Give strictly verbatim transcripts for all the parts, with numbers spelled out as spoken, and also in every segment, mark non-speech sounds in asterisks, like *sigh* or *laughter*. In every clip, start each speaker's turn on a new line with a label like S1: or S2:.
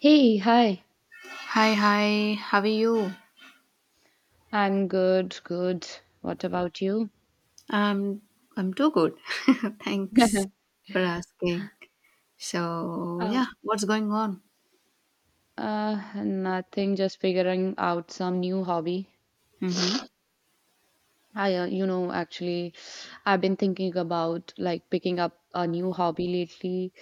S1: Hey, hi.
S2: Hi, hi. How are you?
S1: I'm good, good. What about you?
S2: Um, I'm too good. *laughs* Thanks
S1: *laughs*
S2: for asking. So,
S1: Uh,
S2: yeah, what's going on?
S1: uh, nothing, just figuring out some new hobby.
S2: Mm-hmm.
S1: I, uh, you know, actually, I've been thinking about like picking up a new hobby lately.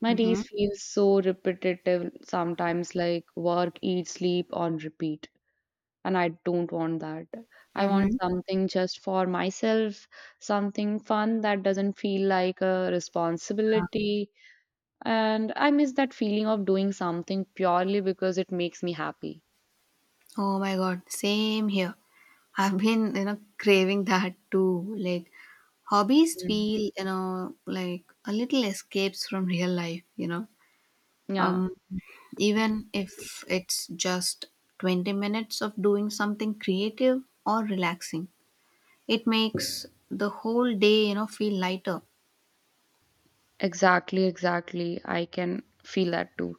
S1: My
S2: Mm-hmm.
S1: days feel so repetitive sometimes, like work, eat, sleep on repeat. And I don't want that. I want
S2: Mm-hmm.
S1: something just for myself, something fun that doesn't feel like a responsibility. And I miss that feeling of doing something purely because it makes me happy.
S2: Oh my God, same here. I've been, you know, craving that too. Like hobbies
S1: Mm.
S2: feel, you know, like a little escapes from real life, you know.
S1: Yeah,
S2: Um, Even if it's just twenty minutes of doing something creative or relaxing. It makes the whole day, you know, feel lighter.
S1: exactly, exactly. I can feel that too.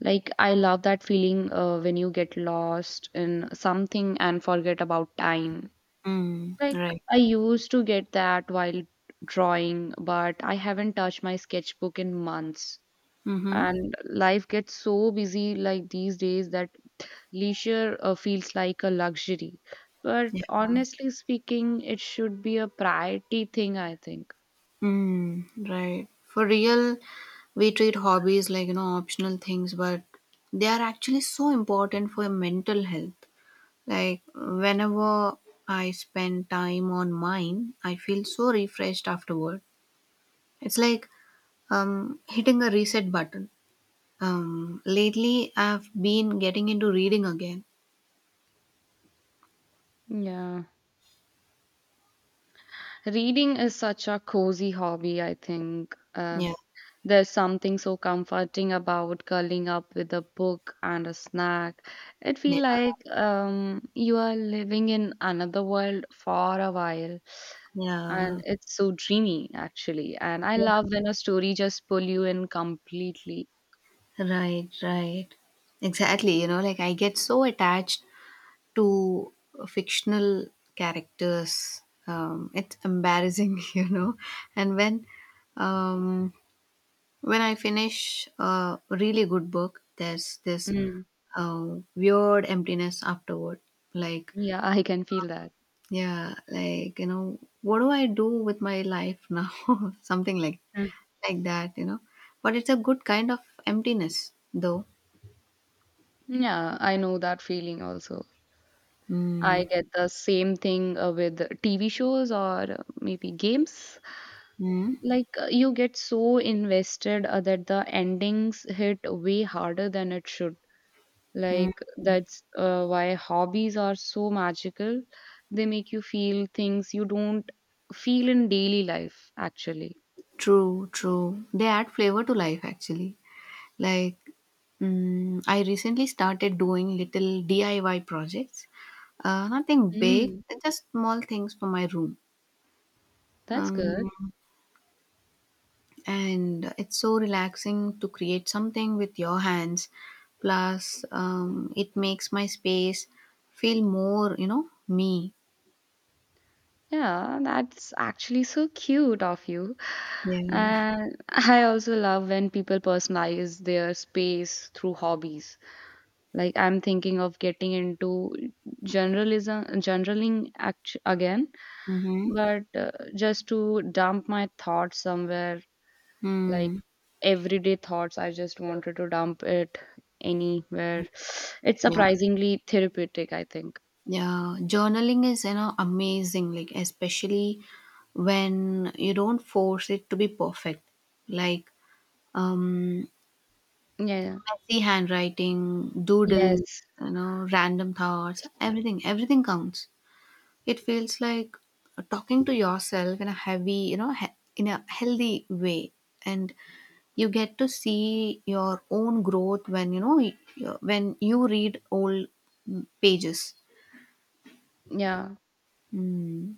S1: Like, I love that feeling uh, when you get lost in something and forget about time.
S2: Mm,
S1: Like,
S2: right.
S1: I used to get that while drawing, but I haven't touched my sketchbook in months.
S2: Mm-hmm.
S1: And life gets so busy like these days that leisure uh, feels like a luxury. But
S2: Yeah.
S1: honestly speaking, it should be a priority thing, I think.
S2: Mm, right. For real, we treat hobbies like, you know, optional things, but they are actually so important for your mental health. Like, whenever I spend time on mine, I feel so refreshed afterward. It's like um, hitting a reset button. Um, lately, I've been getting into reading again.
S1: Yeah. Reading is such a cozy hobby, I think. Uh,
S2: Yeah.
S1: there's something so comforting about curling up with a book and a snack. It feels like um, you are living in another world for a while.
S2: Yeah.
S1: And it's so dreamy, actually. And I
S2: Yeah.
S1: love when a story just pull you in completely.
S2: Right, right. Exactly. You know, like I get so attached to fictional characters. Um, it's embarrassing, *laughs* you know. And when, um, when I finish a really good book, there's this um, weird emptiness afterward. Like,
S1: Yeah, I can feel that.
S2: yeah, like you know, what do I do with my life now? *laughs* Something like
S1: Uh,
S2: like that, you know. But it's a good kind of emptiness, though.
S1: Yeah, I know that feeling also.
S2: Mm.
S1: I get the same thing uh, with T V shows or uh, maybe games.
S2: Mm.
S1: Like uh, you get so invested uh, that the endings hit way harder than it should.
S2: Mm,
S1: Like that's uh, why hobbies are so magical. They make you feel things you don't feel in daily life, actually.
S2: true, true. They add flavor to life actually. Like, mm, I recently started doing little D I Y projects. Uh, nothing big,
S1: Mm,
S2: just small things for my room.
S1: that's
S2: Um,
S1: good.
S2: and it's so relaxing to create something with your hands. Plus, um, it makes my space feel more, you know, me.
S1: Yeah, that's actually so cute of you.
S2: Yeah.
S1: And I also love when people personalize their space through hobbies. Like I'm thinking of getting into generalism, generaling act- again,
S2: Mm-hmm.
S1: but uh, just to dump my thoughts somewhere, like
S2: Mm.
S1: everyday thoughts, I just wanted to dump it anywhere. It's
S2: Yeah.
S1: surprisingly therapeutic, I think.
S2: Yeah, journaling is, you know, amazing, like especially when you don't force it to be perfect. Like um
S1: Yeah. Yeah.
S2: messy handwriting, doodles,
S1: Yes.
S2: you know, random thoughts, everything, everything counts. It feels like talking to yourself in a heavy, you know, he- in a healthy way, and you get to see your own growth when, you know, y- when you read old mm, pages.
S1: Yeah.
S2: Mm,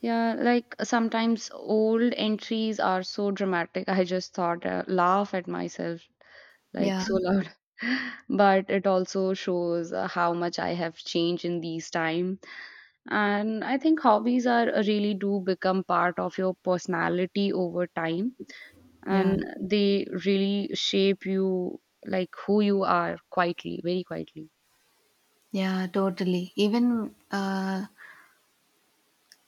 S1: Yeah, like sometimes old entries are so dramatic. I just thought, uh, laugh at myself like
S2: yeah,
S1: so loud. *laughs* But it also shows uh, how much I have changed in these time. And I think hobbies are uh, really do become part of your personality over time,
S2: yeah.
S1: and they really shape you like who you are quietly, very quietly.
S2: Yeah, totally. Even uh,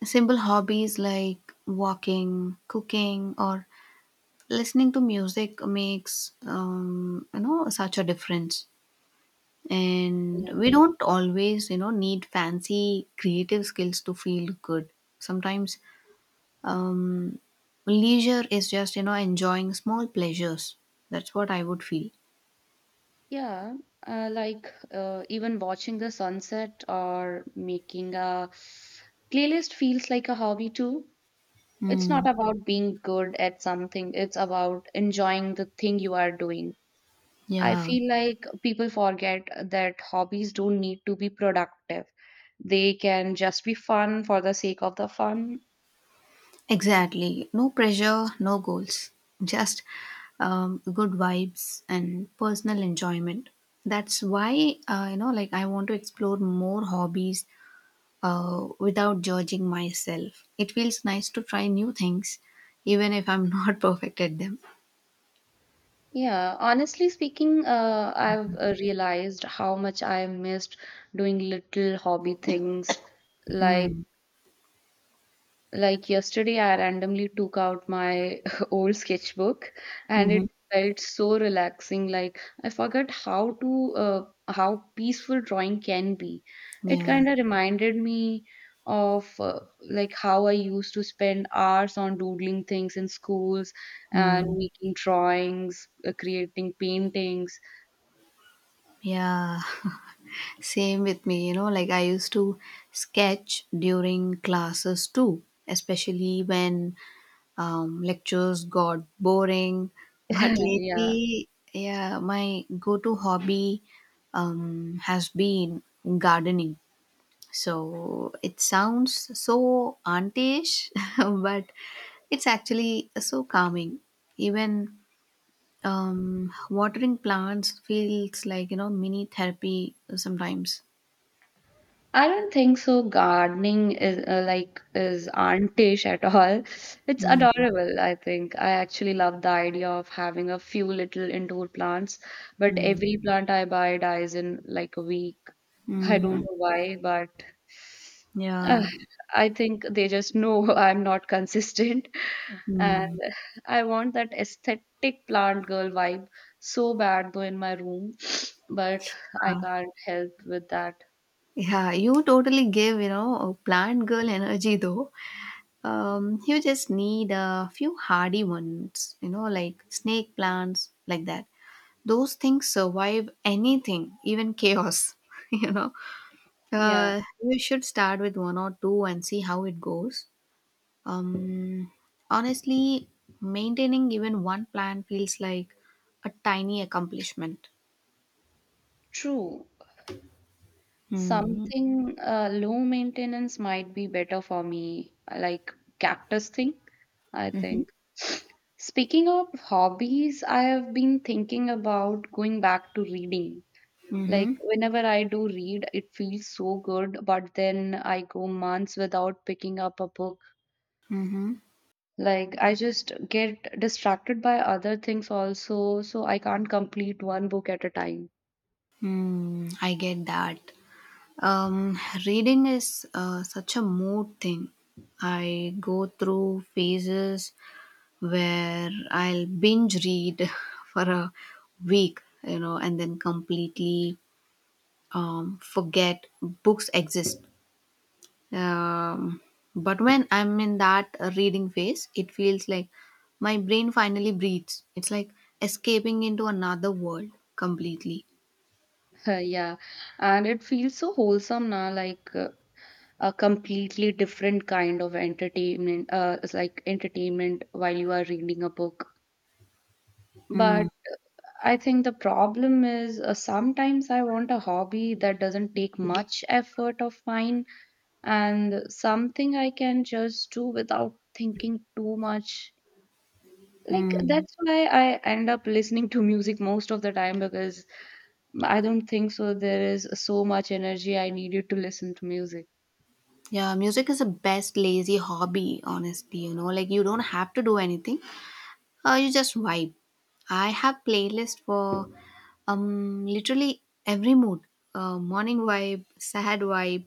S2: simple hobbies like walking, cooking, or listening to music makes um, you know such a difference. And we don't always you know need fancy creative skills to feel good. Sometimes um, leisure is just you know enjoying small pleasures. That's what I would feel.
S1: Yeah, uh, like uh, even watching the sunset or making a playlist feels like a hobby too. It's
S2: Mm,
S1: not about being good at something, it's about enjoying the thing you are doing. I
S2: yeah.
S1: feel like people forget that hobbies don't need to be productive. They can just be fun for the sake of the fun.
S2: Exactly. No pressure, no goals. Just um, good vibes and personal enjoyment. That's why, uh, you know, like I want to explore more hobbies uh, without judging myself. It feels nice to try new things, even if I'm *laughs* not perfect at them.
S1: Yeah, honestly speaking, uh, I've uh, realized how much I missed doing little hobby things. like
S2: Mm.
S1: Like yesterday, I randomly took out my *laughs* old sketchbook and it
S2: Hmm.
S1: felt so relaxing. Like I forgot how to uh, how peaceful drawing can be. It
S2: Yeah.
S1: kind of reminded me of uh, like how I used to spend hours on doodling things in schools and
S2: Mm.
S1: making drawings, uh, creating paintings.
S2: Yeah. *laughs* Same with me, you know, like I used to sketch during classes too, especially when Um, lectures got boring, but
S1: *laughs* Yeah.
S2: lately, yeah, my go to hobby um, has been gardening. So it sounds so auntish, *laughs* but it's actually so calming. Even um, watering plants feels like you know mini therapy sometimes.
S1: I don't think so. Gardening is uh, like is auntish at all. It's
S2: Mm-hmm.
S1: adorable, I think. I actually love the idea of having a few little indoor plants, but every plant I buy dies in like a week. I don't
S2: Mm-hmm.
S1: know why, but uh,
S2: Yeah.
S1: I think they just know *laughs* I'm not consistent, and
S2: Mm.
S1: I want that aesthetic plant girl vibe so bad though in my room, *sniffs* but I can't help with that.
S2: Yeah, you totally gave, you know, a plant girl energy though. Um, you just need a few hardy ones, you know, like snake plants, like that. Those things survive anything, even chaos, *laughs* you know.
S1: Yeah.
S2: Uh, you should start with one or two and see how it goes. Um, Honestly, maintaining even one plant feels like a tiny accomplishment.
S1: True.
S2: Hmm.
S1: Something uh, low maintenance might be better for me, like cactus thing, I
S2: Mm-hmm.
S1: think. *sniffs* Speaking of hobbies, I have been thinking about going back to reading. Like
S2: Mm-hmm.
S1: whenever I do read, it feels so good, but then I go months without picking up a book.
S2: Mm-hmm.
S1: Like I just get distracted by other things also, so I can't complete one book at a time.
S2: Hmm. I get that. Um, Reading is uh, such a mood thing. I go through phases where I'll binge read *laughs* for a week, you know, and then completely um, forget books exist. Um, but when I'm in that uh, reading phase, it feels like my brain finally breathes. It's like escaping into another world completely.
S1: *laughs* Yeah. And it feels so wholesome now, like uh, a completely different kind of entertainment uh, it's like entertainment while you are reading a book, but
S2: Mm,
S1: I think the problem is uh, sometimes I want a hobby that doesn't take much effort of mine and something I can just do without thinking too much, like
S2: mm.
S1: that's why I end up listening to music most of the time because I don't think so there is so much energy I needed to listen to music.
S2: Yeah, music is the best lazy hobby, honestly. You know, like you don't have to do anything, uh, you just vibe. I have playlist for um literally every mood. Uh, morning vibe, sad vibe,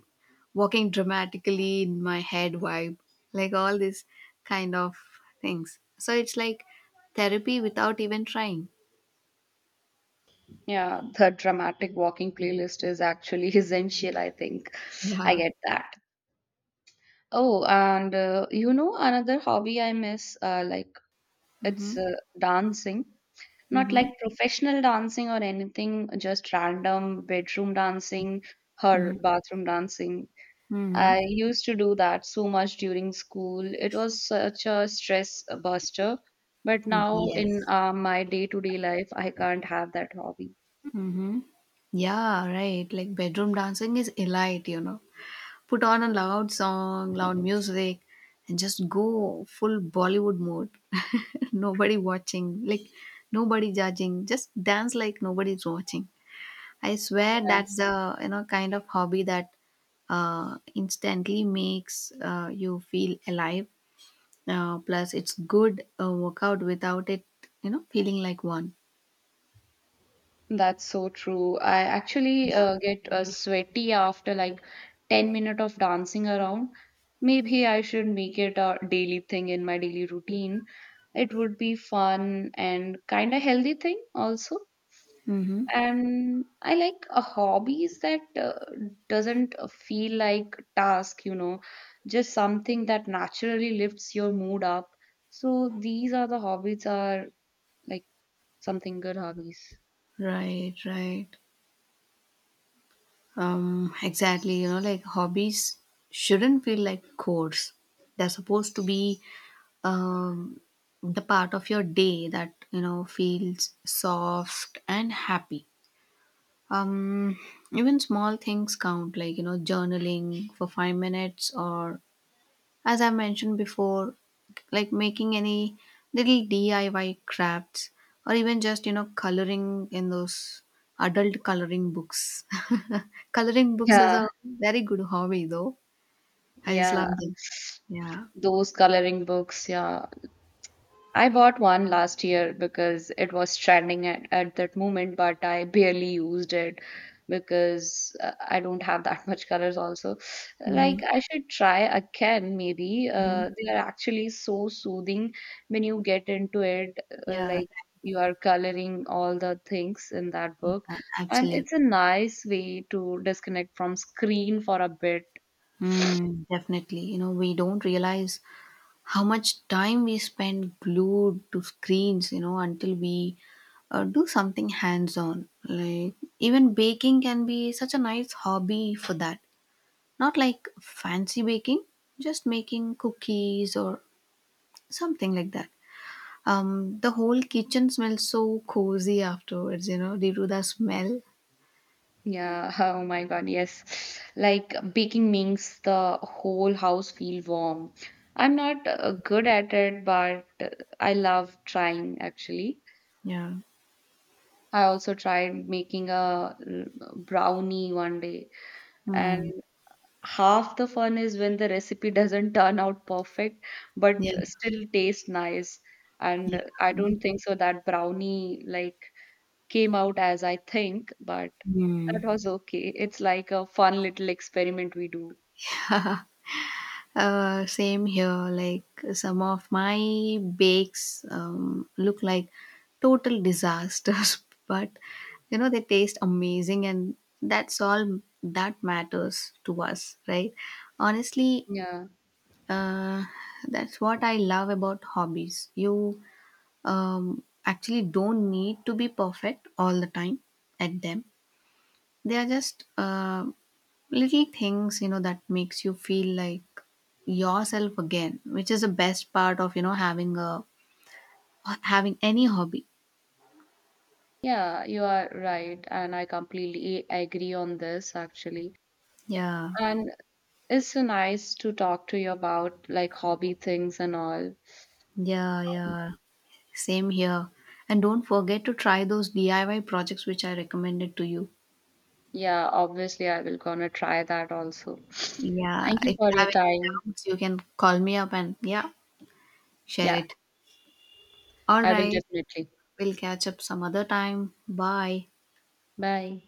S2: walking dramatically in my head vibe, like all these kind of things. So it's like therapy without even trying.
S1: Yeah, the dramatic walking playlist is actually *laughs* essential, I think. I
S2: Yeah.
S1: get that. Oh, and uh, you know, another hobby I miss, uh, like it's
S2: Mm-hmm.
S1: uh, dancing. Not like
S2: Mm-hmm.
S1: professional dancing or anything, just random bedroom dancing or
S2: Mm-hmm.
S1: bathroom dancing.
S2: Mm-hmm.
S1: I used to do that so much during school. It was such a stress buster. But now in
S2: Yes.
S1: uh, my day-to-day life, I can't have that hobby.
S2: Mm-hmm. Yeah, right. Like bedroom dancing is elite, you know. Put on a loud song, loud music, and just go full Bollywood mode. *laughs* Nobody watching, like nobody judging. Just dance like nobody's watching. I swear that's the you know kind of hobby that uh, instantly makes uh, you feel alive. Uh, plus, it's good uh, workout without it, you know, feeling like one.
S1: That's so true. I actually
S2: Yeah.
S1: uh, get uh, sweaty after like ten minutes of dancing around. Maybe I should make it a daily thing in my daily routine. It would be fun and kind of healthy thing also.
S2: Mm-hmm.
S1: And I like a hobbies that uh, doesn't uh, feel like task, you know, just something that naturally lifts your mood up. So these are the hobbies are like something good hobbies.
S2: Right, right. Um, exactly, you know, like hobbies shouldn't feel like chores. They're supposed to be um, the part of your day that, you know, feels soft and happy. Um, Even small things count, like, you know, journaling for five minutes or, as I mentioned before, like making any little D I Y crafts or even just, you know, coloring in those adult coloring books. *laughs* Coloring books is
S1: Yeah.
S2: a very good hobby though. I just
S1: Yeah,
S2: love them. Yeah.
S1: those coloring books. Yeah, I bought one last year because it was trending at, at that moment, but I barely used it because uh, I don't have that *laughs* much colors. Also,
S2: Hmm.
S1: like I should try again. Maybe uh, they are actually so soothing when you get into it. Uh,
S2: Yeah,
S1: like you are coloring all the things in that
S2: yeah,
S1: book, and
S2: absolutely.
S1: it's a nice way to disconnect from screen for a bit.
S2: Mm, definitely. You know, we don't realize how much time we spend glued to screens you know until we uh, do something hands on. Like, even baking can be such a nice hobby for that. Not like fancy baking, just making cookies or something like that. Um the whole kitchen smells so cozy afterwards you know due to the smell.
S1: Yeah, *laughs* oh my God, yes. Like baking makes the whole house feel warm. I'm not uh, good at it, but uh, I love trying actually.
S2: Yeah.
S1: I also tried making a uh, brownie one day, and
S2: Hmm.
S1: half the fun is when the recipe *laughs* doesn't turn out perfect, but
S2: Yeah,
S1: still tastes nice. And
S2: yeah.
S1: uh, I don't think so that brownie like came out as I think, but
S2: Hmm.
S1: that was okay. It's like a fun little experiment we do.
S2: Uh, same here. Like some of my bakes um, look like total disasters, *laughs* but you know they taste amazing, and that's all that matters to us, right? Honestly,
S1: Yeah.
S2: uh, that's what I love about hobbies. You um, actually don't need to be perfect all the time at them. They are just uh, little things you know that makes you feel like yourself again, which is the best part of you know having a having any hobby.
S1: Yeah, you are right. And I completely agree on this actually.
S2: Yeah,
S1: And it's so nice to talk to you about like hobby things and all.
S2: yeah, yeah, same here, and don't forget to try those D I Y projects which I recommended to you.
S1: Yeah, obviously I will gonna try that also. *sniffs*
S2: Yeah,
S1: Thank you
S2: if you
S1: for
S2: have
S1: your
S2: any
S1: time.
S2: doubts, you can call me up, and yeah, share
S1: Yeah,
S2: it. All
S1: I will
S2: right,
S1: definitely.
S2: we'll catch up some other time. Bye.
S1: Bye.